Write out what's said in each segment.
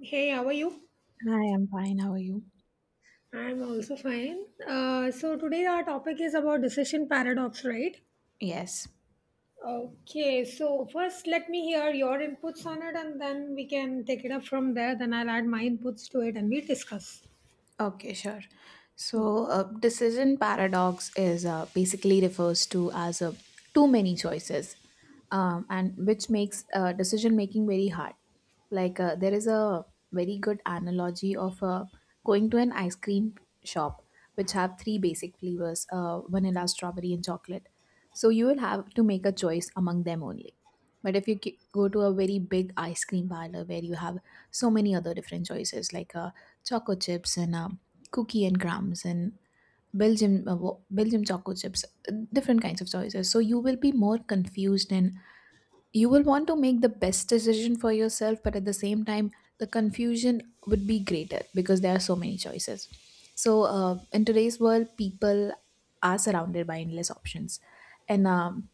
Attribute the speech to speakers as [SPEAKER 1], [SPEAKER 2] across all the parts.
[SPEAKER 1] Hey, how are you?
[SPEAKER 2] Hi, I'm fine. How are you?
[SPEAKER 1] I'm also fine. So today our topic is about decision paradox, right?
[SPEAKER 2] Yes.
[SPEAKER 1] Okay, so first let me hear your inputs on it, and then we can take it up from there. Then I'll add my inputs to it and we discuss.
[SPEAKER 2] Okay, sure. So, decision paradox is basically refers to as a too many choices, and which makes decision making very hard. Like, there is a very good analogy of going to an ice cream shop, which have three basic flavors: vanilla, strawberry, and chocolate. So you will have to make a choice among them only. But if you go to a very big ice cream parlor where you have so many other different choices, like choco chips and cookie and crumbs and Belgium choco chips, different kinds of choices. So you will be more confused and you will want to make the best decision for yourself, but at the same time, the confusion would be greater because there are so many choices. So in today's world, people are surrounded by endless options, and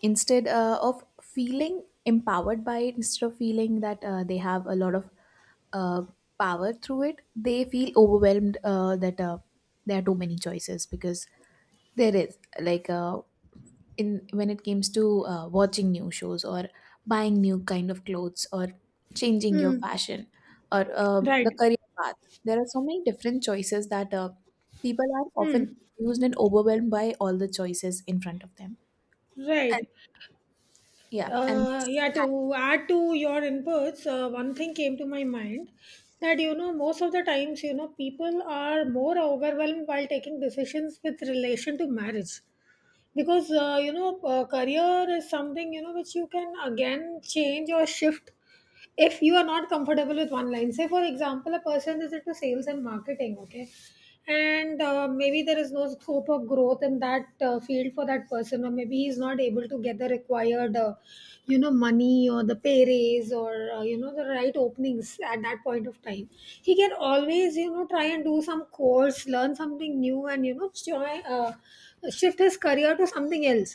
[SPEAKER 2] instead of feeling empowered by it, instead of feeling that they have a lot of uh, power through it, they feel overwhelmed that there are too many choices because there is, like, in when it comes to watching new shows or buying new kind of clothes or changing your
[SPEAKER 1] Hmm.
[SPEAKER 2] fashion or the
[SPEAKER 1] Right.
[SPEAKER 2] career path, there are so many different choices that people are
[SPEAKER 1] Hmm.
[SPEAKER 2] often confused and overwhelmed by all the choices in front of them and
[SPEAKER 1] Right.
[SPEAKER 2] yeah and
[SPEAKER 1] Yeah, to add to your inputs, one thing came to my mind that, you know, most of the times, you know, people are more overwhelmed while taking decisions with relation to marriage, because you know, career is something, you know, which you can again change or shift if you are not comfortable with one line. Say for example, a person is into sales and marketing, okay, and maybe there is no scope of growth in that field for that person, or maybe he's not able to get the required, you know, money, or the pay raise, or you know, the right openings at that point of time. He can always, you know, try and do some course, learn something new, and you know, try, shift his career to something else.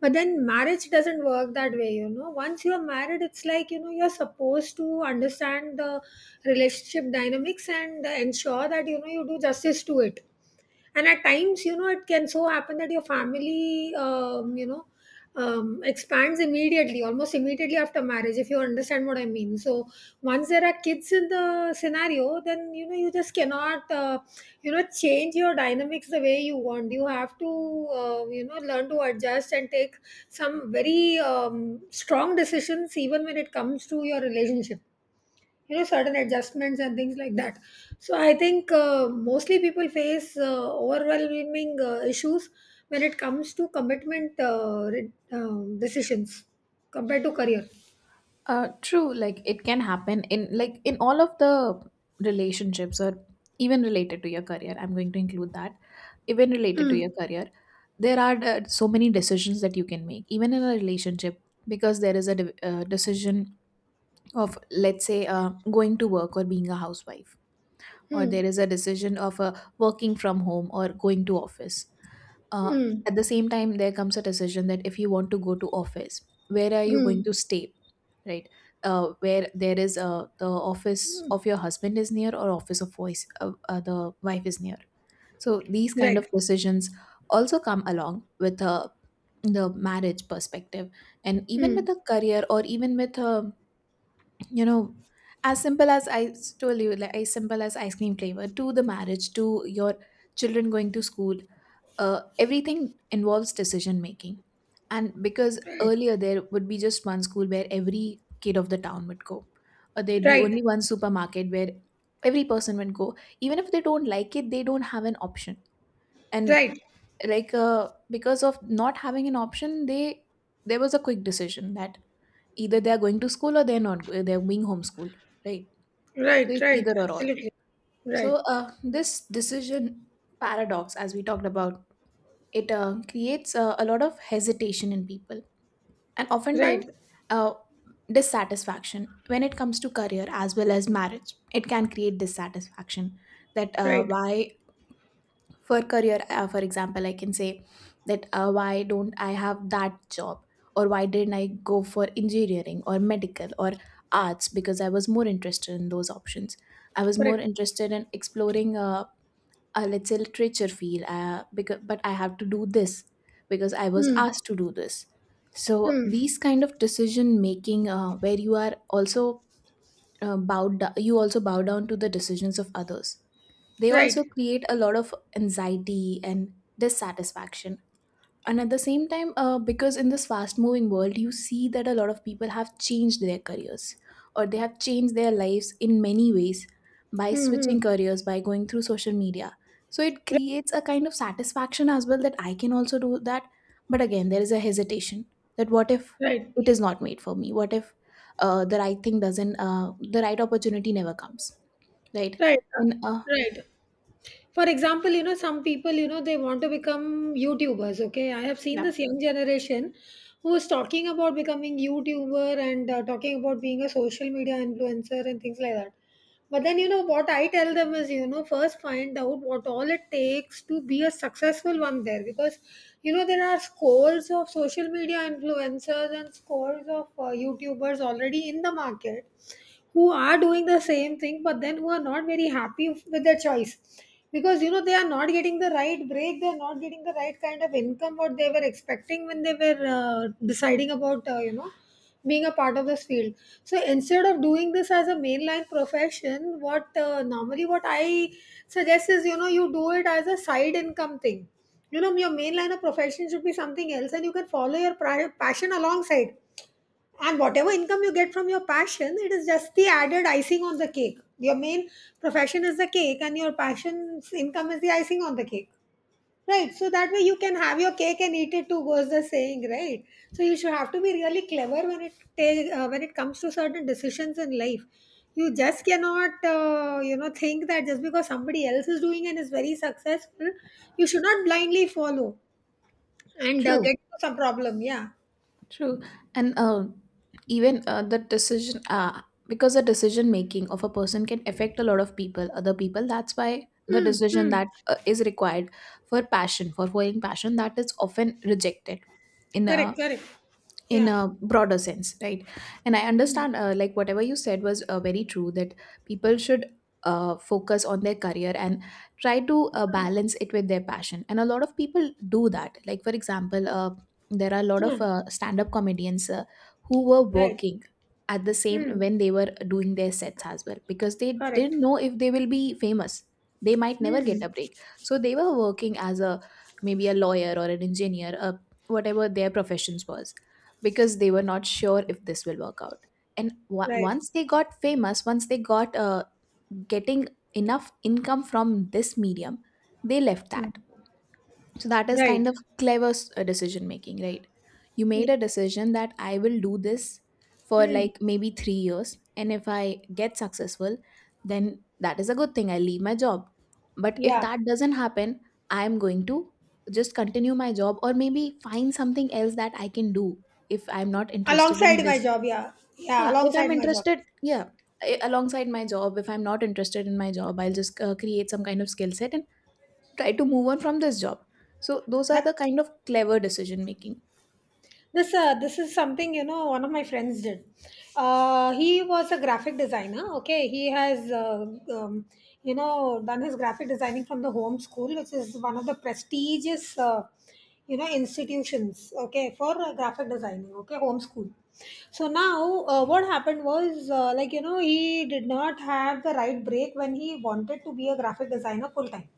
[SPEAKER 1] But then marriage doesn't work that way. You know, once you're married, it's like, you know, you're supposed to understand the relationship dynamics and ensure that, you know, you do justice to it. And at times, you know, it can so happen that your family, you know, expands immediately, almost immediately, after marriage, if you understand what I mean. So once there are kids in the scenario, then, you know, you just cannot, you know, change your dynamics the way you want. You have to, you know, learn to adjust and take some very strong decisions even when it comes to your relationship, you know, certain adjustments and things like that. So I think mostly people face overwhelming issues when it comes to commitment, decisions, compared to career.
[SPEAKER 2] True. Like it can happen in like in all of the relationships or even related to your career. I'm going to include that. Even related to
[SPEAKER 1] Mm.
[SPEAKER 2] your career, there are so many decisions that you can make, even in a relationship, because there is a decision of, let's say, going to work or being a housewife, or there
[SPEAKER 1] Mm.
[SPEAKER 2] is a decision of working from home or going to office. uh,
[SPEAKER 1] Mm.
[SPEAKER 2] at the same time, there comes a decision that if you want to go to office, where are you going
[SPEAKER 1] Mm.
[SPEAKER 2] to stay, right? Where there is the office of
[SPEAKER 1] Mm.
[SPEAKER 2] your husband is near, or office of voice the wife is near. So these kind
[SPEAKER 1] Right.
[SPEAKER 2] of decisions also come along with the marriage perspective, and even
[SPEAKER 1] Mm.
[SPEAKER 2] with a career or even with a you know, as simple as I told you, like as simple as ice cream flavor to the marriage to your children going to school. Everything involves decision making. And because
[SPEAKER 1] Right.
[SPEAKER 2] earlier there would be just one school where every kid of the town would go, or there'd be
[SPEAKER 1] Right.
[SPEAKER 2] only one supermarket where every person would go. Even if they don't like it, they don't have an option. And
[SPEAKER 1] Right.
[SPEAKER 2] like, because of not having an option, they there was a quick decision that either they are going to school or they're not. They're being homeschooled, right? So
[SPEAKER 1] Right.
[SPEAKER 2] it's
[SPEAKER 1] Right.
[SPEAKER 2] either or or.
[SPEAKER 1] Absolutely.
[SPEAKER 2] So
[SPEAKER 1] Right.
[SPEAKER 2] uh, this decision paradox, as we talked about it, creates a lot of hesitation in people and oftentimes
[SPEAKER 1] Right.
[SPEAKER 2] uh, dissatisfaction when it comes to career as well as marriage. It can create dissatisfaction that
[SPEAKER 1] Right.
[SPEAKER 2] why for career, for example, I can say that why don't I have that job, or why didn't I go for engineering or medical or arts, because I was more interested in those options. I was more
[SPEAKER 1] Correct.
[SPEAKER 2] interested in exploring let's say literature field, because, but I have to do this because I was
[SPEAKER 1] Mm.
[SPEAKER 2] asked to do this. So
[SPEAKER 1] Mm.
[SPEAKER 2] these kind of decision making, where you are also you also bow down to the decisions of others, they
[SPEAKER 1] Right.
[SPEAKER 2] also create a lot of anxiety and dissatisfaction. And at the same time, because in this fast moving world, you see that a lot of people have changed their careers or they have changed their lives in many ways by
[SPEAKER 1] Mm. Hmm.
[SPEAKER 2] switching careers, by going through social media, so it
[SPEAKER 1] Right.
[SPEAKER 2] creates a kind of satisfaction as well that I can also do that. But again, there is a hesitation that what if
[SPEAKER 1] Right.
[SPEAKER 2] it is not made for me, what if the right thing doesn't, the right opportunity never comes, right?
[SPEAKER 1] Right.
[SPEAKER 2] And
[SPEAKER 1] Right. For example, you know, some people, you know, they want to become YouTubers, okay? I have seen
[SPEAKER 2] yeah,
[SPEAKER 1] this young generation who is talking about becoming YouTuber and talking about being a social media influencer and things like that. But then, you know, what I tell them is, you know, first find out what all it takes to be a successful one there, because, you know, there are scores of social media influencers and scores of YouTubers already in the market, who are doing the same thing but then who are not very happy with their choice, because you know they are not getting the right break, they are not getting the right kind of income what they were expecting when they were deciding about, you know, being a part of this field. So instead of doing this as a mainline profession, what normally what I suggest is, you know, you do it as a side income thing. You know, your main line of profession should be something else, and you can follow your passion alongside. And whatever income you get from your passion, it is just the added icing on the cake. Your main profession is the cake and your passion's income is the icing on the cake. Right, so that way you can have your cake and eat it too, goes the saying, right? So you should have to be really clever when it comes to certain decisions in life. You just cannot, you know, think that just because somebody else is doing and is very successful, you should not blindly follow and
[SPEAKER 2] true.
[SPEAKER 1] get into some problem, yeah.
[SPEAKER 2] True, and even the decision, because the decision making of a person can affect a lot of people, other people. That's why the
[SPEAKER 1] Mm.
[SPEAKER 2] decision
[SPEAKER 1] Mm.
[SPEAKER 2] that is required for passion, for following passion, that is often rejected in
[SPEAKER 1] Correct,
[SPEAKER 2] uh,
[SPEAKER 1] correct.
[SPEAKER 2] in
[SPEAKER 1] Yeah.
[SPEAKER 2] a broader sense, right? And I
[SPEAKER 1] Mm.
[SPEAKER 2] understand, like whatever you said was very true, that people should focus on their career and try to balance it with their passion, and a lot of people do that. Like, for example, there are a lot of
[SPEAKER 1] Hmm.
[SPEAKER 2] stand-up comedians who were
[SPEAKER 1] Right.
[SPEAKER 2] working at the same
[SPEAKER 1] Hmm.
[SPEAKER 2] when they were doing their sets as well, because they
[SPEAKER 1] Correct.
[SPEAKER 2] didn't know if they will be famous, they might never
[SPEAKER 1] Hmm.
[SPEAKER 2] get a break, so they were working as a maybe a lawyer or an engineer, whatever their professions was, because they were not sure if this will work out. And
[SPEAKER 1] Right.
[SPEAKER 2] once they got famous, once they got getting enough income from this medium, they left that.
[SPEAKER 1] Hmm.
[SPEAKER 2] So that is
[SPEAKER 1] Right.
[SPEAKER 2] kind of clever decision making, right? You
[SPEAKER 1] Yeah.
[SPEAKER 2] made a decision that I will do this for
[SPEAKER 1] Hmm.
[SPEAKER 2] like maybe 3 years. And if I get successful, then that is a good thing. I leave my job. But if
[SPEAKER 1] Yeah.
[SPEAKER 2] that doesn't happen, I'm going to just continue my job or maybe find something else that I can do if I'm not interested in
[SPEAKER 1] Alongside my
[SPEAKER 2] this.
[SPEAKER 1] job, yeah. Yeah,
[SPEAKER 2] Yeah, if I'm
[SPEAKER 1] alongside my job.
[SPEAKER 2] interested, yeah, alongside my job, if I'm not interested in my job, I'll just create some kind of skill set, try to move on from this job. So those are
[SPEAKER 1] That
[SPEAKER 2] the kind of clever decision making.
[SPEAKER 1] This this is something, you know, one of my friends did. He was a graphic designer. Okay, he has um, you know, done his graphic designing from the home school, which is one of the prestigious you know, institutions. Okay, for graphic designing. Okay, home school. So now, what happened was, like, you know, he did not have the right break when he wanted to be a graphic designer full time.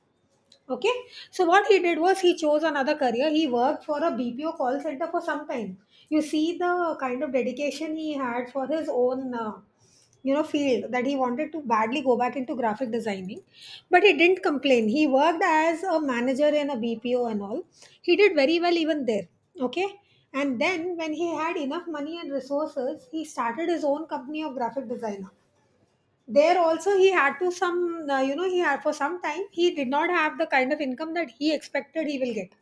[SPEAKER 1] Okay. So what he did was, he chose another career. He worked for a BPO call center for some time. You see the kind of dedication he had for his own, you know, field, that he wanted to badly go back into graphic designing, but he didn't complain. He worked as a manager in a BPO and all. He did very well even there. Okay. And then when he had enough money and resources, he started his own company of graphic designer. There also he had to, some, you know, he had, for some time he did not have the kind of income that he expected he will get.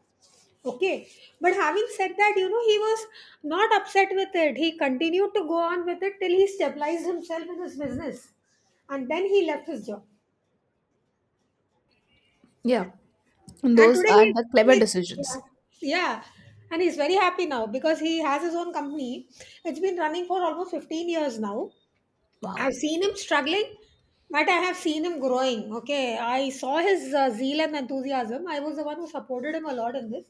[SPEAKER 1] Okay, but having said that, you know, he was not upset with it. He continued to go on with it till he stabilized himself in his business, and then he left his job.
[SPEAKER 2] Yeah, and
[SPEAKER 1] And
[SPEAKER 2] those
[SPEAKER 1] today
[SPEAKER 2] are the clever
[SPEAKER 1] he Yeah,
[SPEAKER 2] decisions.
[SPEAKER 1] yeah, and he's very happy now because he has his own company. It's been running for almost 15 years now. I've
[SPEAKER 2] Wow,
[SPEAKER 1] seen him struggling, but I have seen him growing. Okay, I saw his zeal and enthusiasm. I was the one who supported him a lot in this.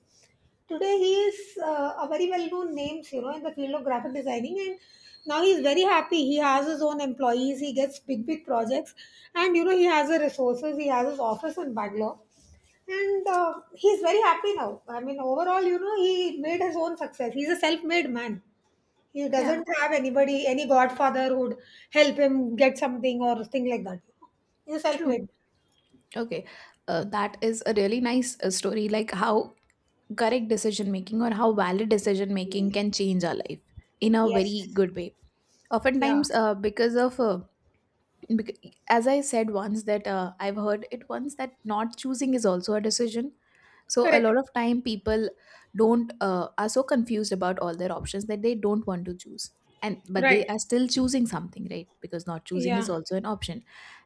[SPEAKER 1] Today, he is a very well-known name, you know, in the field of graphic designing, and now he's very happy. He has his own employees. He gets big, big projects, and you know, he has the resources. He has his office in Bangalore, and he's very happy now. I mean, overall, you know, he made his own success. He's a self-made man. He
[SPEAKER 2] yeah,
[SPEAKER 1] doesn't have anybody, any godfather who'd help him get something or thing like that. He's
[SPEAKER 2] true,
[SPEAKER 1] self-made.
[SPEAKER 2] okay. That is a really nice story, like how correct decision making or how valid decision making can change our life in a
[SPEAKER 1] Yes.
[SPEAKER 2] very good way.
[SPEAKER 1] Yeah.
[SPEAKER 2] Oftentimes, because of as I said once that I've heard it once that not choosing is also a decision. So a
[SPEAKER 1] Correct.
[SPEAKER 2] lot of time people don't, are so confused about all their options that they don't want to choose, and but they
[SPEAKER 1] Right.
[SPEAKER 2] are still choosing something, right? Because not choosing is
[SPEAKER 1] Yeah.
[SPEAKER 2] also an option.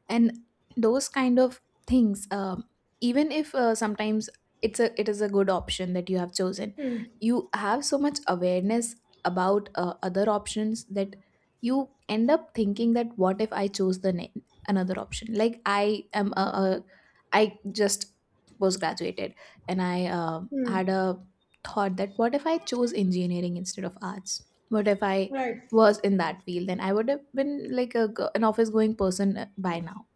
[SPEAKER 2] And those kind of things, even if sometimes it's a it is a good option that you have chosen,
[SPEAKER 1] Hmm.
[SPEAKER 2] you have so much awareness about other options that you end up thinking that what if I chose the another option. Like I am a, I just was graduated and I
[SPEAKER 1] Hmm.
[SPEAKER 2] had a thought that what if I chose engineering instead of arts, what if I
[SPEAKER 1] Right.
[SPEAKER 2] was in that field, then I would have been like a an office going person by now.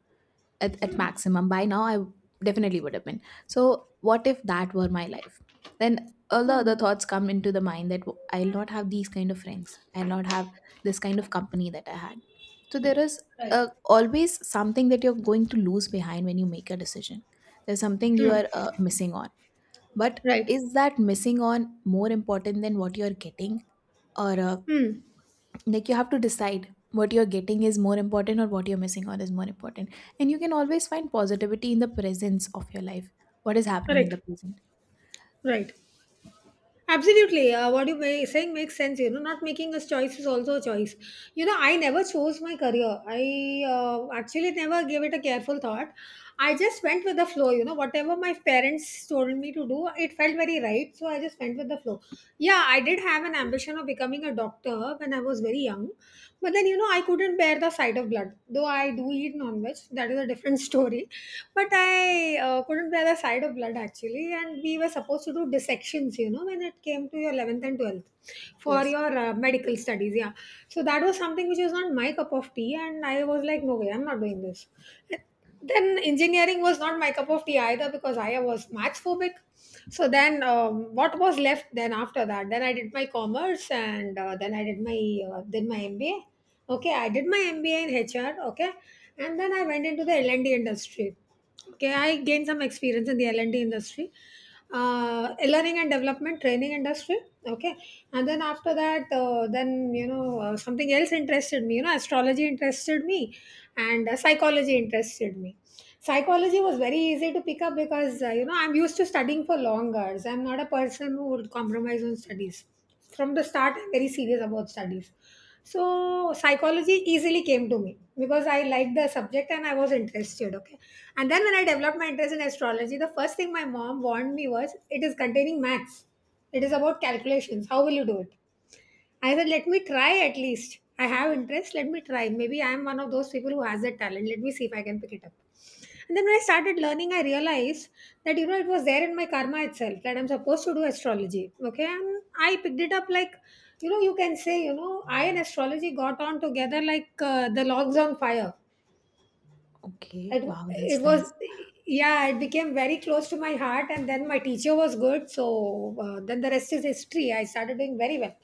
[SPEAKER 2] At
[SPEAKER 1] Hmm.
[SPEAKER 2] maximum, by now, I definitely would have been. So what if that were my life? Then all the
[SPEAKER 1] Hmm.
[SPEAKER 2] other thoughts come into the mind that I'll not have these kind of friends, I'll not have this kind of company that I had. So there is
[SPEAKER 1] Right.
[SPEAKER 2] always something that you're going to lose behind when you make a decision. There's something you
[SPEAKER 1] Hmm.
[SPEAKER 2] are missing on. But
[SPEAKER 1] Right.
[SPEAKER 2] is that missing on more important than what you're getting, or
[SPEAKER 1] Hmm.
[SPEAKER 2] like you have to decide what you're getting is more important or what you're missing out is more important. And you can always find positivity in the presence of your life, what is happening in the
[SPEAKER 1] Correct.
[SPEAKER 2] present.
[SPEAKER 1] Right. Absolutely. What you may, saying makes sense. You know, not making a choice is also a choice. You know, I never chose my career. I actually never gave it a careful thought. I just went with the flow. You know, whatever my parents told me to do, it felt very right. So I just went with the flow. Yeah, I did have an ambition of becoming a doctor when I was very young. But then, you know, I couldn't bear the sight of blood. Though I do eat non veg, that is a different story. But I couldn't bear the sight of blood, actually. And we were supposed to do dissections, you know, when it came to your 11th and 12th for your medical studies. Yeah. So that was something which was not my cup of tea. And I was like, no way, I'm not doing this. Then engineering was not my cup of tea either, because I was maths phobic. So then, what was left then? After that, then I did my commerce, and then I did my MBA. Okay, I did my MBA in HR, okay. And then I went into the L&D industry. Okay, I gained some experience in the L&D industry, learning and development training industry, okay. And then after that, then, you know, something else interested me, you know. Astrology interested me, and psychology interested me. Psychology was very easy to pick up because, you know, I'm used to studying for long hours. I'm not a person who would compromise on studies. From the start I'm very serious about studies, so psychology easily came to me because I liked the subject and I was interested, okay. And then when I developed my interest in astrology, the first thing my mom warned me was, it is containing maths, it is about calculations, how will you do it? I said, let me try at least. I have interest, let me try. Maybe I am one of those people who has that talent. Let me see if I can pick it up. And then when I started learning, I realized that, you know, it was there in my karma itself that I'm supposed to do astrology. Okay. And I picked it up like, you know, you can say, you know, I and astrology got on together like the logs on fire. It,
[SPEAKER 2] Okay, wow,
[SPEAKER 1] it
[SPEAKER 2] that's
[SPEAKER 1] was,
[SPEAKER 2] nice.
[SPEAKER 1] yeah, it became very close to my heart. And then my teacher was good. So then the rest is history. I started doing very well.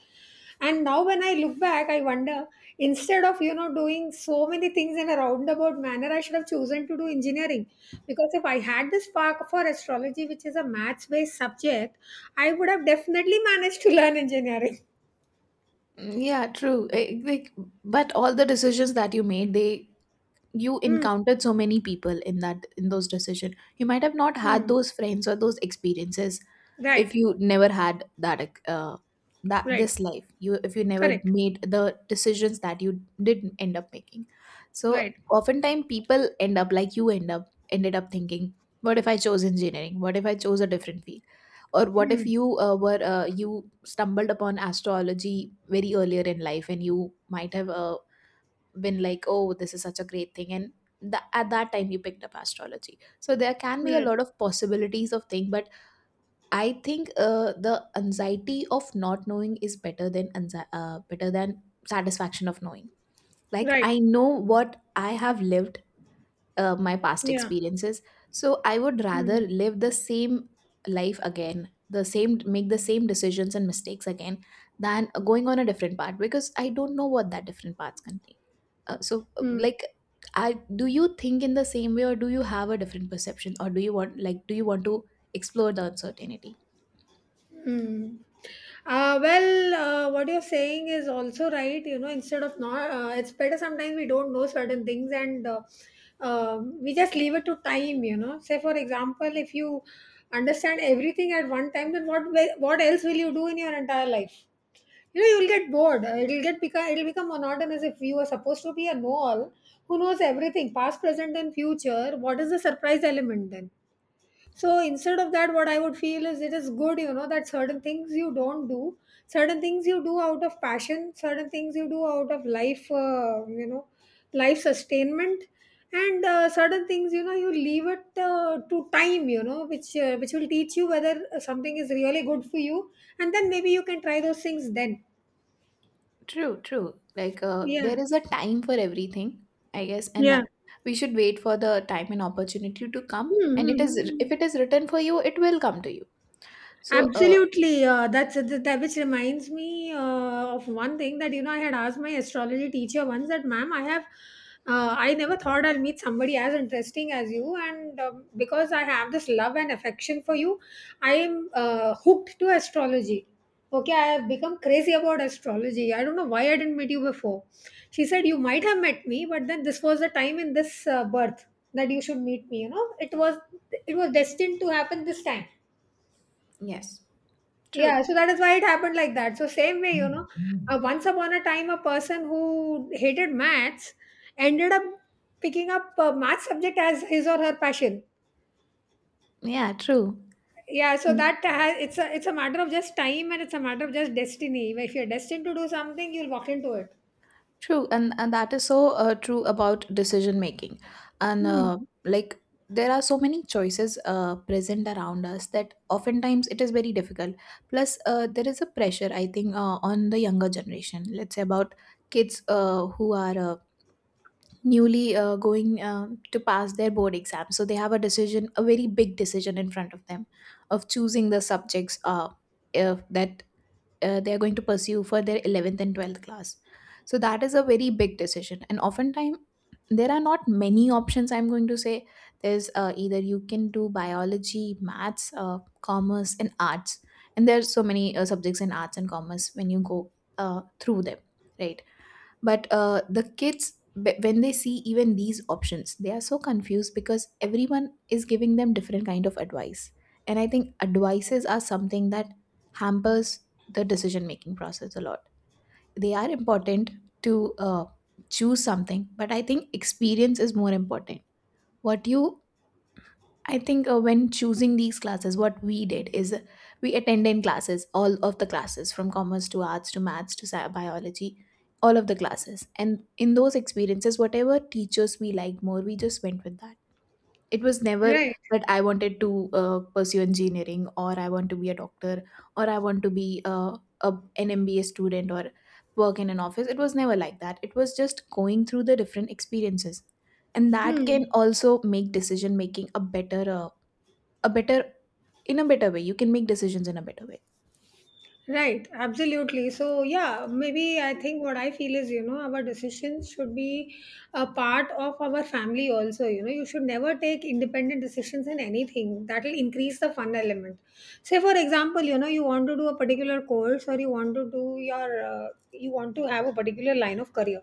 [SPEAKER 1] And now when I look back, I wonder instead of, doing so many things in a roundabout manner, I should have chosen to do engineering. Because if I had this spark for astrology, which is a maths based subject, I would have definitely managed to learn engineering.
[SPEAKER 2] Yeah, true. Eh, like, but all the decisions that you made, they you
[SPEAKER 1] Hmm.
[SPEAKER 2] encountered so many people in that, in those decision, you might have not
[SPEAKER 1] Hmm.
[SPEAKER 2] had those friends or those experiences if
[SPEAKER 1] Right.
[SPEAKER 2] you never had that that
[SPEAKER 1] Right.
[SPEAKER 2] this life, you, if you never
[SPEAKER 1] Correct.
[SPEAKER 2] made the decisions that you did end up making. So
[SPEAKER 1] Right.
[SPEAKER 2] oftentimes people end up like you end up ended up thinking what if I chose engineering, what if I chose a different field, or what if
[SPEAKER 1] Hmm.
[SPEAKER 2] you were you stumbled upon astrology very earlier in life, and you might have been like, oh, this is such a great thing, and at that time you picked up astrology. So there can be a
[SPEAKER 1] Right.
[SPEAKER 2] lot of possibilities of thing, but I think the anxiety of not knowing is better than better than satisfaction of knowing. Like
[SPEAKER 1] Right.
[SPEAKER 2] I know what I have lived, my past
[SPEAKER 1] Yeah.
[SPEAKER 2] experiences, so I would rather
[SPEAKER 1] Hmm.
[SPEAKER 2] live the same life again, the same make the same decisions and mistakes again, than going on a different path because I don't know what that different paths contain. Uh, so, uh,
[SPEAKER 1] Hmm.
[SPEAKER 2] like, I do you think in the same way, or do you have a different perception, or do you want do you want to explore the uncertainty?
[SPEAKER 1] Hmm. Well, what you're saying is also right. You know, instead of not, it's better sometimes we don't know certain things and we just leave it to time. You know, say for example, if you understand everything at one time, then what else will you do in your entire life? You know, you'll get bored. It'll become monotonous if you are supposed to be a know-all who knows everything, past, present, and future. What is the surprise element then? So instead of that, what I would feel is it is good, that certain things you don't do, certain things you do out of passion, certain things you do out of life, life sustainment, and certain things, you leave it to time, which will teach you whether something is really good for you, and then maybe you can try those things then.
[SPEAKER 2] True, true. Like
[SPEAKER 1] Yeah.
[SPEAKER 2] there is a time for everything, I guess, and
[SPEAKER 1] Yeah.
[SPEAKER 2] we should wait for the time and opportunity to come.
[SPEAKER 1] Hmm. Hmm.
[SPEAKER 2] And it
[SPEAKER 1] Hmm,
[SPEAKER 2] is
[SPEAKER 1] hmm.
[SPEAKER 2] if it is written for you, it will come to you. So,
[SPEAKER 1] Absolutely. That which reminds me of one thing that I had asked my astrology teacher once, that, ma'am, I have. I never thought I'll meet somebody as interesting as you, and because I have this love and affection for you, I am hooked to astrology. Okay, I have become crazy about astrology. I don't know why I didn't meet you before. She said you might have met me, but then this was the time in this birth that you should meet me. It was destined to happen this time,
[SPEAKER 2] yes,
[SPEAKER 1] yeah,
[SPEAKER 2] true.
[SPEAKER 1] so that is why it happened like that. So same way, once upon a time, a person who hated maths ended up picking up math subject as his or her passion.
[SPEAKER 2] Yeah, true.
[SPEAKER 1] Yeah, so
[SPEAKER 2] Mm,
[SPEAKER 1] that has, it's a matter of just time and it's a matter of just destiny. If you're destined to do something, you'll walk into it.
[SPEAKER 2] true, and that is so true about decision making, and
[SPEAKER 1] Hmm.
[SPEAKER 2] like there are so many choices present around us that oftentimes it is very difficult. Plus, there is a pressure I think on the younger generation. Let's say about kids who are. Newly going to pass their board exam, so they have a decision a very big decision in front of them of choosing the subjects, if that they are going to pursue for their 11th and 12th class. So that is a very big decision, and oftentimes there are not many options. I'm going to say there's either you can do biology, maths, commerce, and arts. And there's so many subjects in arts and commerce when you go through them, right? But when they see even these options, they are so confused because everyone is giving them different kind of advice. And I think advices are something that hampers the decision making process a lot. They are important to choose something, but I think experience is more important. What you I think when choosing these classes, what we did is, we attended classes, all of the classes, from commerce to arts to maths to biology, all of the classes. And in those experiences, whatever teachers we liked more, we just went with that. It was never
[SPEAKER 1] Right.
[SPEAKER 2] that I wanted to pursue engineering, or I want to be a doctor, or I want to be an MBA student, or work in an office. It was never like that. It was just going through the different experiences. And that can
[SPEAKER 1] Hmm.
[SPEAKER 2] also make decision making a better a better in a better way. You can make decisions in a better way.
[SPEAKER 1] Right, absolutely. So, yeah, maybe I think what I feel is, our decisions should be a part of our family also. You should never take independent decisions in anything. That will increase the fun element. Say, for example, you want to do a particular course or you want to have a particular line of career.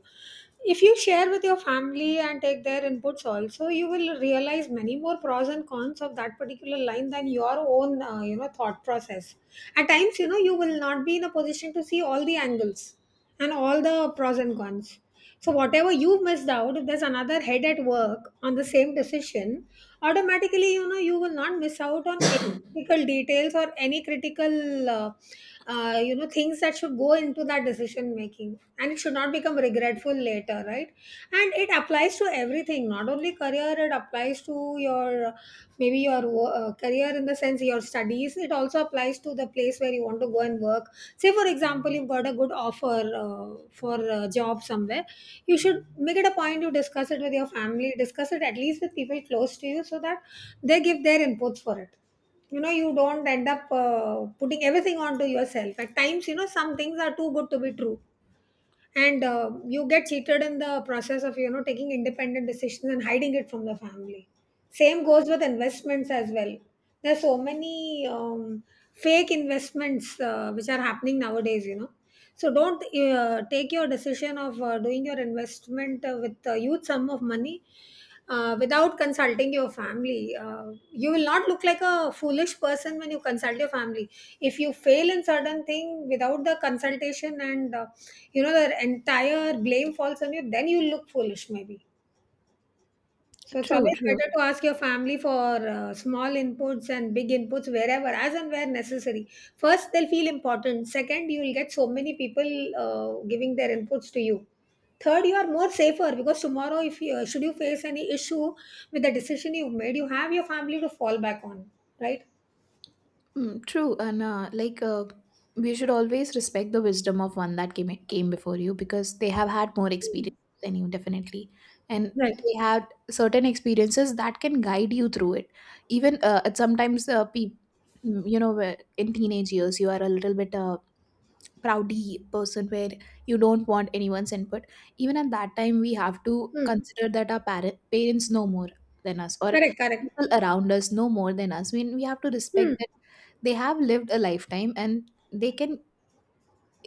[SPEAKER 1] If you share with your family and take their inputs also, you will realize many more pros and cons of that particular line than your own, thought process. At times, you will not be in a position to see all the angles and all the pros and cons. So whatever you missed out, if there's another head at work on the same decision, automatically, you will not miss out on critical details or any critical things that should go into that decision making, and it should not become regretful later, right? And it applies to everything, not only career. It applies to your maybe your career, in the sense your studies. It also applies to the place where you want to go and work. Say, for example, you've got a good offer for a job somewhere. You should make it a point to discuss it with your family, discuss it at least with people close to you so that they give their inputs for it. You know you don't end up putting everything onto yourself. At times, some things are too good to be true, and you get cheated in the process of, taking independent decisions and hiding it from the family. Same goes with investments as well. There's so many fake investments which are happening nowadays. So don't take your decision of doing your investment with a huge sum of money without consulting your family. You will not look like a foolish person when you consult your family. If you fail in certain thing without the consultation and the entire blame falls on you, then you look foolish maybe. So it's
[SPEAKER 2] True,
[SPEAKER 1] always
[SPEAKER 2] true,
[SPEAKER 1] better to ask your family for small inputs and big inputs wherever, as and where necessary. First, they'll feel important. Second, you will get so many people giving their inputs to you. Third, you are more safer because tomorrow, if you should you face any issue with the decision you've made, you have your family to fall back on, right?
[SPEAKER 2] mm, true. And we should always respect the wisdom of one that came before you, because they have had more experience than you definitely, and
[SPEAKER 1] Right.
[SPEAKER 2] they had certain experiences that can guide you through it. Even you know, where in teenage years you are a little bit proudy person, where you don't want anyone's input. Even at that time, we have to
[SPEAKER 1] Hmm.
[SPEAKER 2] consider that our parents know more than us, or
[SPEAKER 1] Correct. Correct.
[SPEAKER 2] people around us know more than us. I mean, we have to
[SPEAKER 1] Hmm.
[SPEAKER 2] respect that. They have lived a lifetime, and they can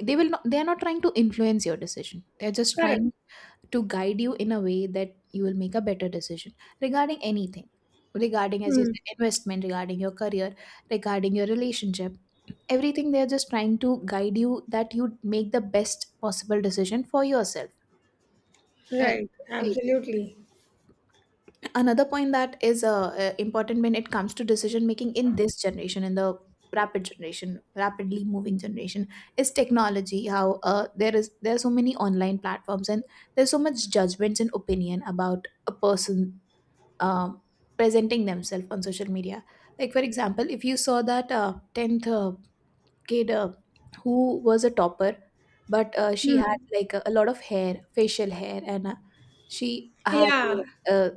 [SPEAKER 2] they are not trying to influence your decision. They're just trying
[SPEAKER 1] Correct.
[SPEAKER 2] to guide you in a way that you will make a better decision regarding anything, regarding, as you
[SPEAKER 1] Hmm.
[SPEAKER 2] said, investment, regarding your career, regarding your relationship, everything. They're just trying to guide you that you make the best possible decision for yourself. Uh,
[SPEAKER 1] Right. Absolutely.
[SPEAKER 2] Another point that is important when it comes to decision making in this generation, in the rapidly moving generation, is technology. How there are so many online platforms, and there's so much judgments and opinion about a person um presenting themselves on social media. Like, for example, if you saw that 10th kid, who was a topper, but she had
[SPEAKER 1] Hmm.
[SPEAKER 2] like a lot of hair, facial hair, and she had
[SPEAKER 1] Yeah.
[SPEAKER 2] uh, uh,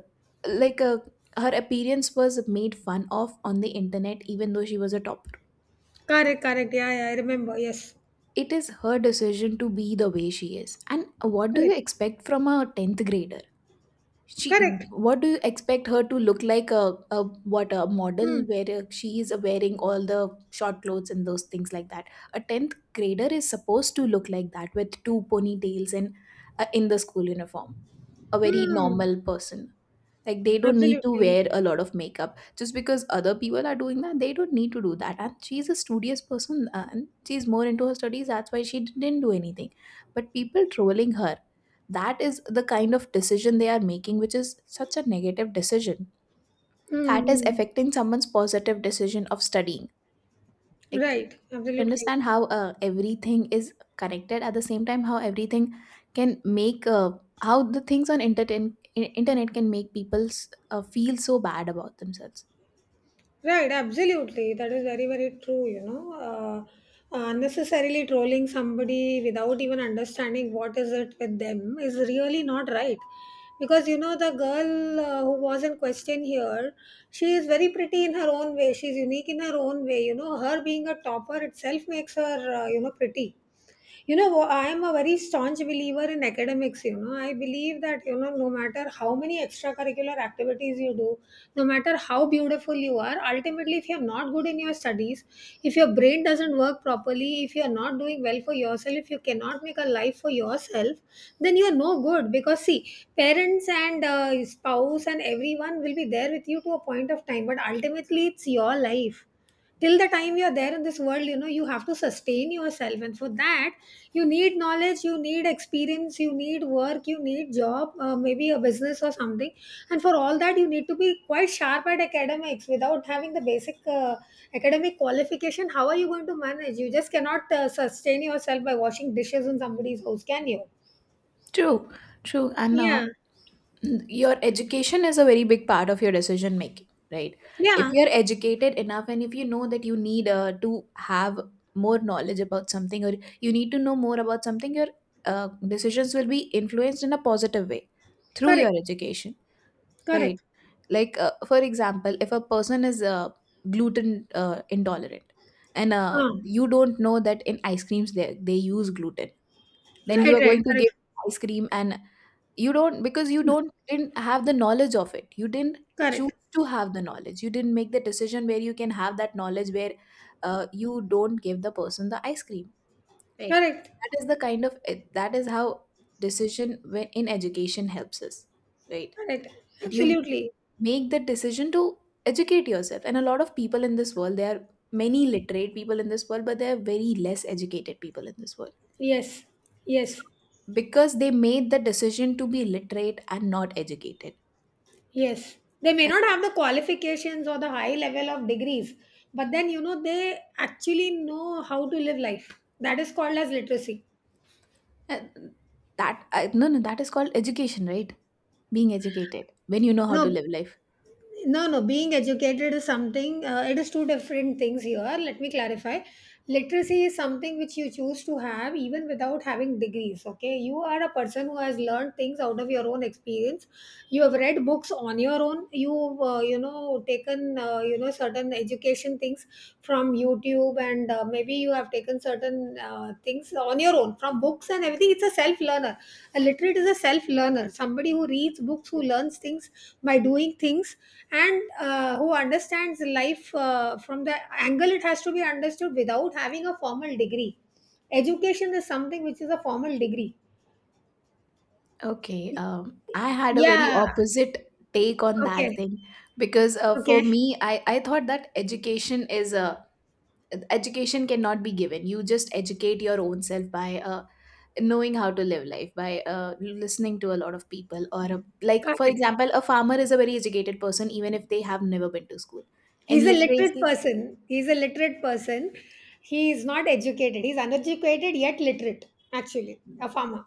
[SPEAKER 2] like her appearance was made fun of on the internet, even though she was a topper.
[SPEAKER 1] Correct. Correct. Yeah. Yeah. I remember. Yes.
[SPEAKER 2] It is her decision to be the way she is. And what do you
[SPEAKER 1] Correct.
[SPEAKER 2] expect from a 10th grader?
[SPEAKER 1] Correct.
[SPEAKER 2] What do you expect her to look like? A
[SPEAKER 1] Hmm.
[SPEAKER 2] model, where she is wearing all the short clothes and those things like that? A tenth grader is supposed to look like that, with two ponytails and in the school uniform. A very
[SPEAKER 1] Hmm.
[SPEAKER 2] normal person. Like, they don't need to
[SPEAKER 1] Absolutely.
[SPEAKER 2] wear a lot of makeup just because other people are doing that. They don't need to do that. And she's a studious person, and she's more into her studies. That's why she didn't do anything. But people trolling her, that is the kind of decision they are making, which is such a negative decision,
[SPEAKER 1] Hmm.
[SPEAKER 2] that is
[SPEAKER 1] Hmm.
[SPEAKER 2] affecting someone's positive decision of studying. Like,
[SPEAKER 1] Right. Absolutely.
[SPEAKER 2] understand how everything is connected at the same time, how everything can make how the things on internet can make people feel so bad about themselves.
[SPEAKER 1] Right. Absolutely. That is very, very true. Unnecessarily trolling somebody without even understanding what is it with them is really not right. Because you know the girl who was in question here, she is very pretty in her own way. She's unique in her own way. Her being a topper itself makes her, pretty. I am a very staunch believer in academics. I believe that, no matter how many extracurricular activities you do, no matter how beautiful you are, ultimately if you're not good in your studies, if your brain doesn't work properly, if you're not doing well for yourself, if you cannot make a life for yourself, then you're no good. Because see, parents and spouse and everyone will be there with you to a point of time, but ultimately it's your life. Till the time you're there in this world, you have to sustain yourself, and for that you need knowledge, you need experience, you need work, you need job, maybe a business or something. And for all that you need to be quite sharp at academics. Without having the basic academic qualification, how are you going to manage? You just cannot sustain yourself by washing dishes in somebody's house, can you?
[SPEAKER 2] True, true. And
[SPEAKER 1] Yeah.
[SPEAKER 2] your education is a very big part of your decision making, right? If
[SPEAKER 1] Yeah.
[SPEAKER 2] you're educated enough, and if you know that you need to have more knowledge about something, or you need to know more about something, your uh, decisions will be influenced in a positive way through your
[SPEAKER 1] Correct.
[SPEAKER 2] education. Right?
[SPEAKER 1] Correct.
[SPEAKER 2] Like, for example, if a person is gluten intolerant, and
[SPEAKER 1] uh,
[SPEAKER 2] you don't know that in ice creams they use gluten, then you
[SPEAKER 1] right.
[SPEAKER 2] are
[SPEAKER 1] Right.
[SPEAKER 2] going to give
[SPEAKER 1] Correct.
[SPEAKER 2] ice cream, and you don't because you don't didn't have the knowledge of it. You didn't
[SPEAKER 1] Correct.
[SPEAKER 2] choose to have the knowledge. You didn't make the decision where you can have that knowledge, where you don't give the person the ice cream, right?
[SPEAKER 1] Correct.
[SPEAKER 2] That is the kind of that is how decision when in education helps us, right?
[SPEAKER 1] Correct.
[SPEAKER 2] That you
[SPEAKER 1] Absolutely.
[SPEAKER 2] make that decision to educate yourself. And a lot of people in this world, there are many literate people in this world, but there are very less educated people in this world.
[SPEAKER 1] Yes,
[SPEAKER 2] So
[SPEAKER 1] yes,
[SPEAKER 2] because they made the decision to be literate and not educated.
[SPEAKER 1] yes. They may not have the qualifications or the high level of degrees, but then you know they actually know how to live life. That is called as literacy.
[SPEAKER 2] And no, no, that is called education, right? Being educated when you know how to
[SPEAKER 1] No.
[SPEAKER 2] live life.
[SPEAKER 1] No, no, being educated is something, it is two different things here. Let me clarify. Literacy is something which you choose to have even without having degrees. Okay, you are a person who has learned things out of your own experience. You have read books on your own. Taken, certain education things from YouTube, and maybe you have taken certain things on your own from books and everything. It's a self learner. A literate is a self learner, somebody who reads books, who learns things by doing things, and who understands life from the angle it has to be understood without having a formal degree. Education is something which is a formal degree.
[SPEAKER 2] Okay, I had a very
[SPEAKER 1] Yeah.
[SPEAKER 2] opposite take on that
[SPEAKER 1] Okay.
[SPEAKER 2] thing, because for
[SPEAKER 1] Okay.
[SPEAKER 2] me, I thought that education is a education cannot be given. You just educate your own self by knowing how to live life, by listening to a lot of people, or like for
[SPEAKER 1] Correct.
[SPEAKER 2] example, a farmer is a very educated person, even if they have never been to school.
[SPEAKER 1] He's
[SPEAKER 2] And
[SPEAKER 1] a literate
[SPEAKER 2] literacy.
[SPEAKER 1] person. He's a literate person. He is not educated. He's uneducated yet literate, actually. A farmer.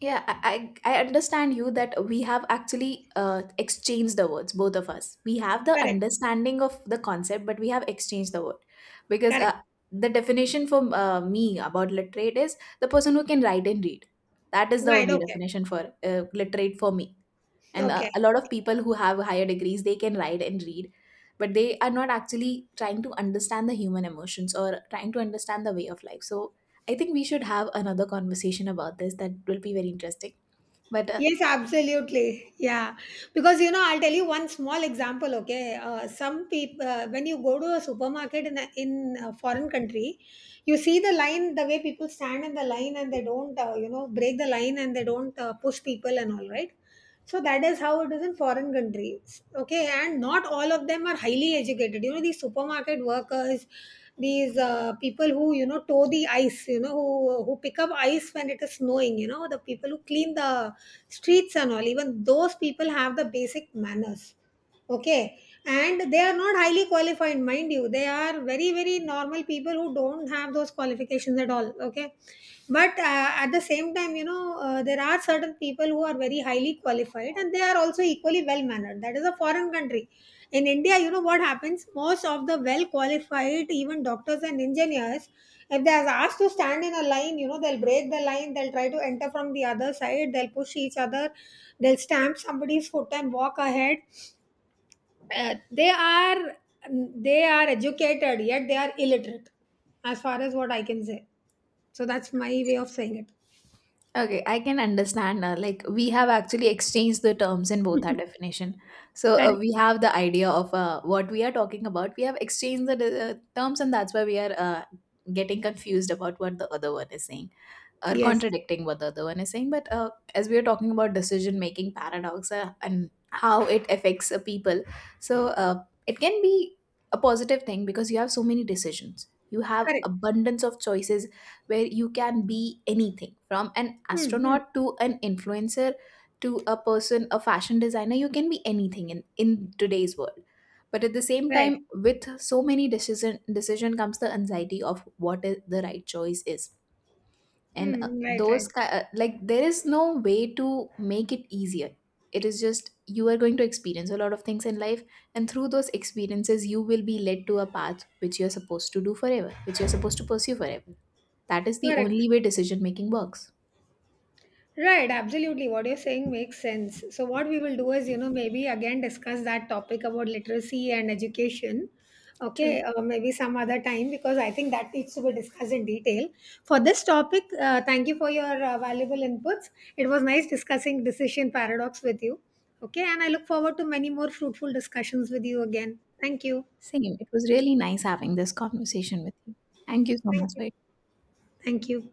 [SPEAKER 2] Yeah, I understand you, that we have actually exchanged the words, both of us. We have the
[SPEAKER 1] Correct.
[SPEAKER 2] understanding of the concept, but we have exchanged the word, because
[SPEAKER 1] Correct.
[SPEAKER 2] the definition for me about literate is the person who can write and read. That is the
[SPEAKER 1] Right.
[SPEAKER 2] only
[SPEAKER 1] Okay.
[SPEAKER 2] definition for literate for me. And
[SPEAKER 1] Okay.
[SPEAKER 2] a lot of people who have higher degrees, they can write and read, but they are not actually trying to understand the human emotions or trying to understand the way of life. So I think we should have another conversation about this. That will be very interesting. But
[SPEAKER 1] Yes, absolutely. Yeah. Because I'll tell you one small example, okay? Some people, when you go to a supermarket in a foreign country, you see the line, the way people stand in the line and they don't, break the line, and they don't push people and all, right? So that is how it is in foreign countries, okay, and not all of them are highly educated. These supermarket workers, these people who tow the ice, who pick up ice when it is snowing, the people who clean the streets and all, even those people have the basic manners, okay. And they are not highly qualified, mind you. They are very, very normal people who don't have those qualifications at all, okay. But at the same time, there are certain people who are very highly qualified and they are also equally well mannered. That is a foreign country. In india, you know what happens, most of the well qualified, even doctors and engineers, if they are asked to stand in a line, you know they'll break the line, they'll try to enter from the other side, they'll push each other, they'll stamp somebody's foot and walk ahead. Uh, they are they are educated yet they are illiterate, as far as what I can say. So that's my way of saying it.
[SPEAKER 2] okay, I can understand. We have actually exchanged the terms in both our definition. So
[SPEAKER 1] Correct.
[SPEAKER 2] we have the idea of what we are talking about. We have exchanged the terms, and that's why we are getting confused about what the other one is saying, or
[SPEAKER 1] Yes.
[SPEAKER 2] contradicting what the other one is saying. But as we are talking about decision making paradox, and how it affects people, so it can be a positive thing, because you have so many decisions. You have
[SPEAKER 1] Correct.
[SPEAKER 2] abundance of choices, where you can be anything from an
[SPEAKER 1] Mm-hmm.
[SPEAKER 2] astronaut to an influencer to a person, a fashion designer. You can be anything in today's world. But at the same
[SPEAKER 1] Right.
[SPEAKER 2] time, with so many decision comes the anxiety of what is the right choice is. And
[SPEAKER 1] Hmm. Right.
[SPEAKER 2] those
[SPEAKER 1] Right.
[SPEAKER 2] ki- like there is no way to make it easier. It is just you are going to experience a lot of things in life, and through those experiences you will be led to a path which you're supposed to do forever, which you're supposed to pursue forever. That is the
[SPEAKER 1] Correct.
[SPEAKER 2] only way decision making works.
[SPEAKER 1] Right, absolutely. What you're saying makes sense. So, what we will do is, maybe again discuss that topic about literacy and education. Okay,
[SPEAKER 2] True.
[SPEAKER 1] maybe some other time because I think that needs to be discussed in detail. For this topic, thank you for your valuable inputs. It was nice discussing decision paradox with you. Okay, and I look forward to many more fruitful discussions with you again. Thank you.
[SPEAKER 2] Same, it was really nice having this conversation with you. Thank you so
[SPEAKER 1] Thank
[SPEAKER 2] much
[SPEAKER 1] you.
[SPEAKER 2] for your
[SPEAKER 1] Thank you.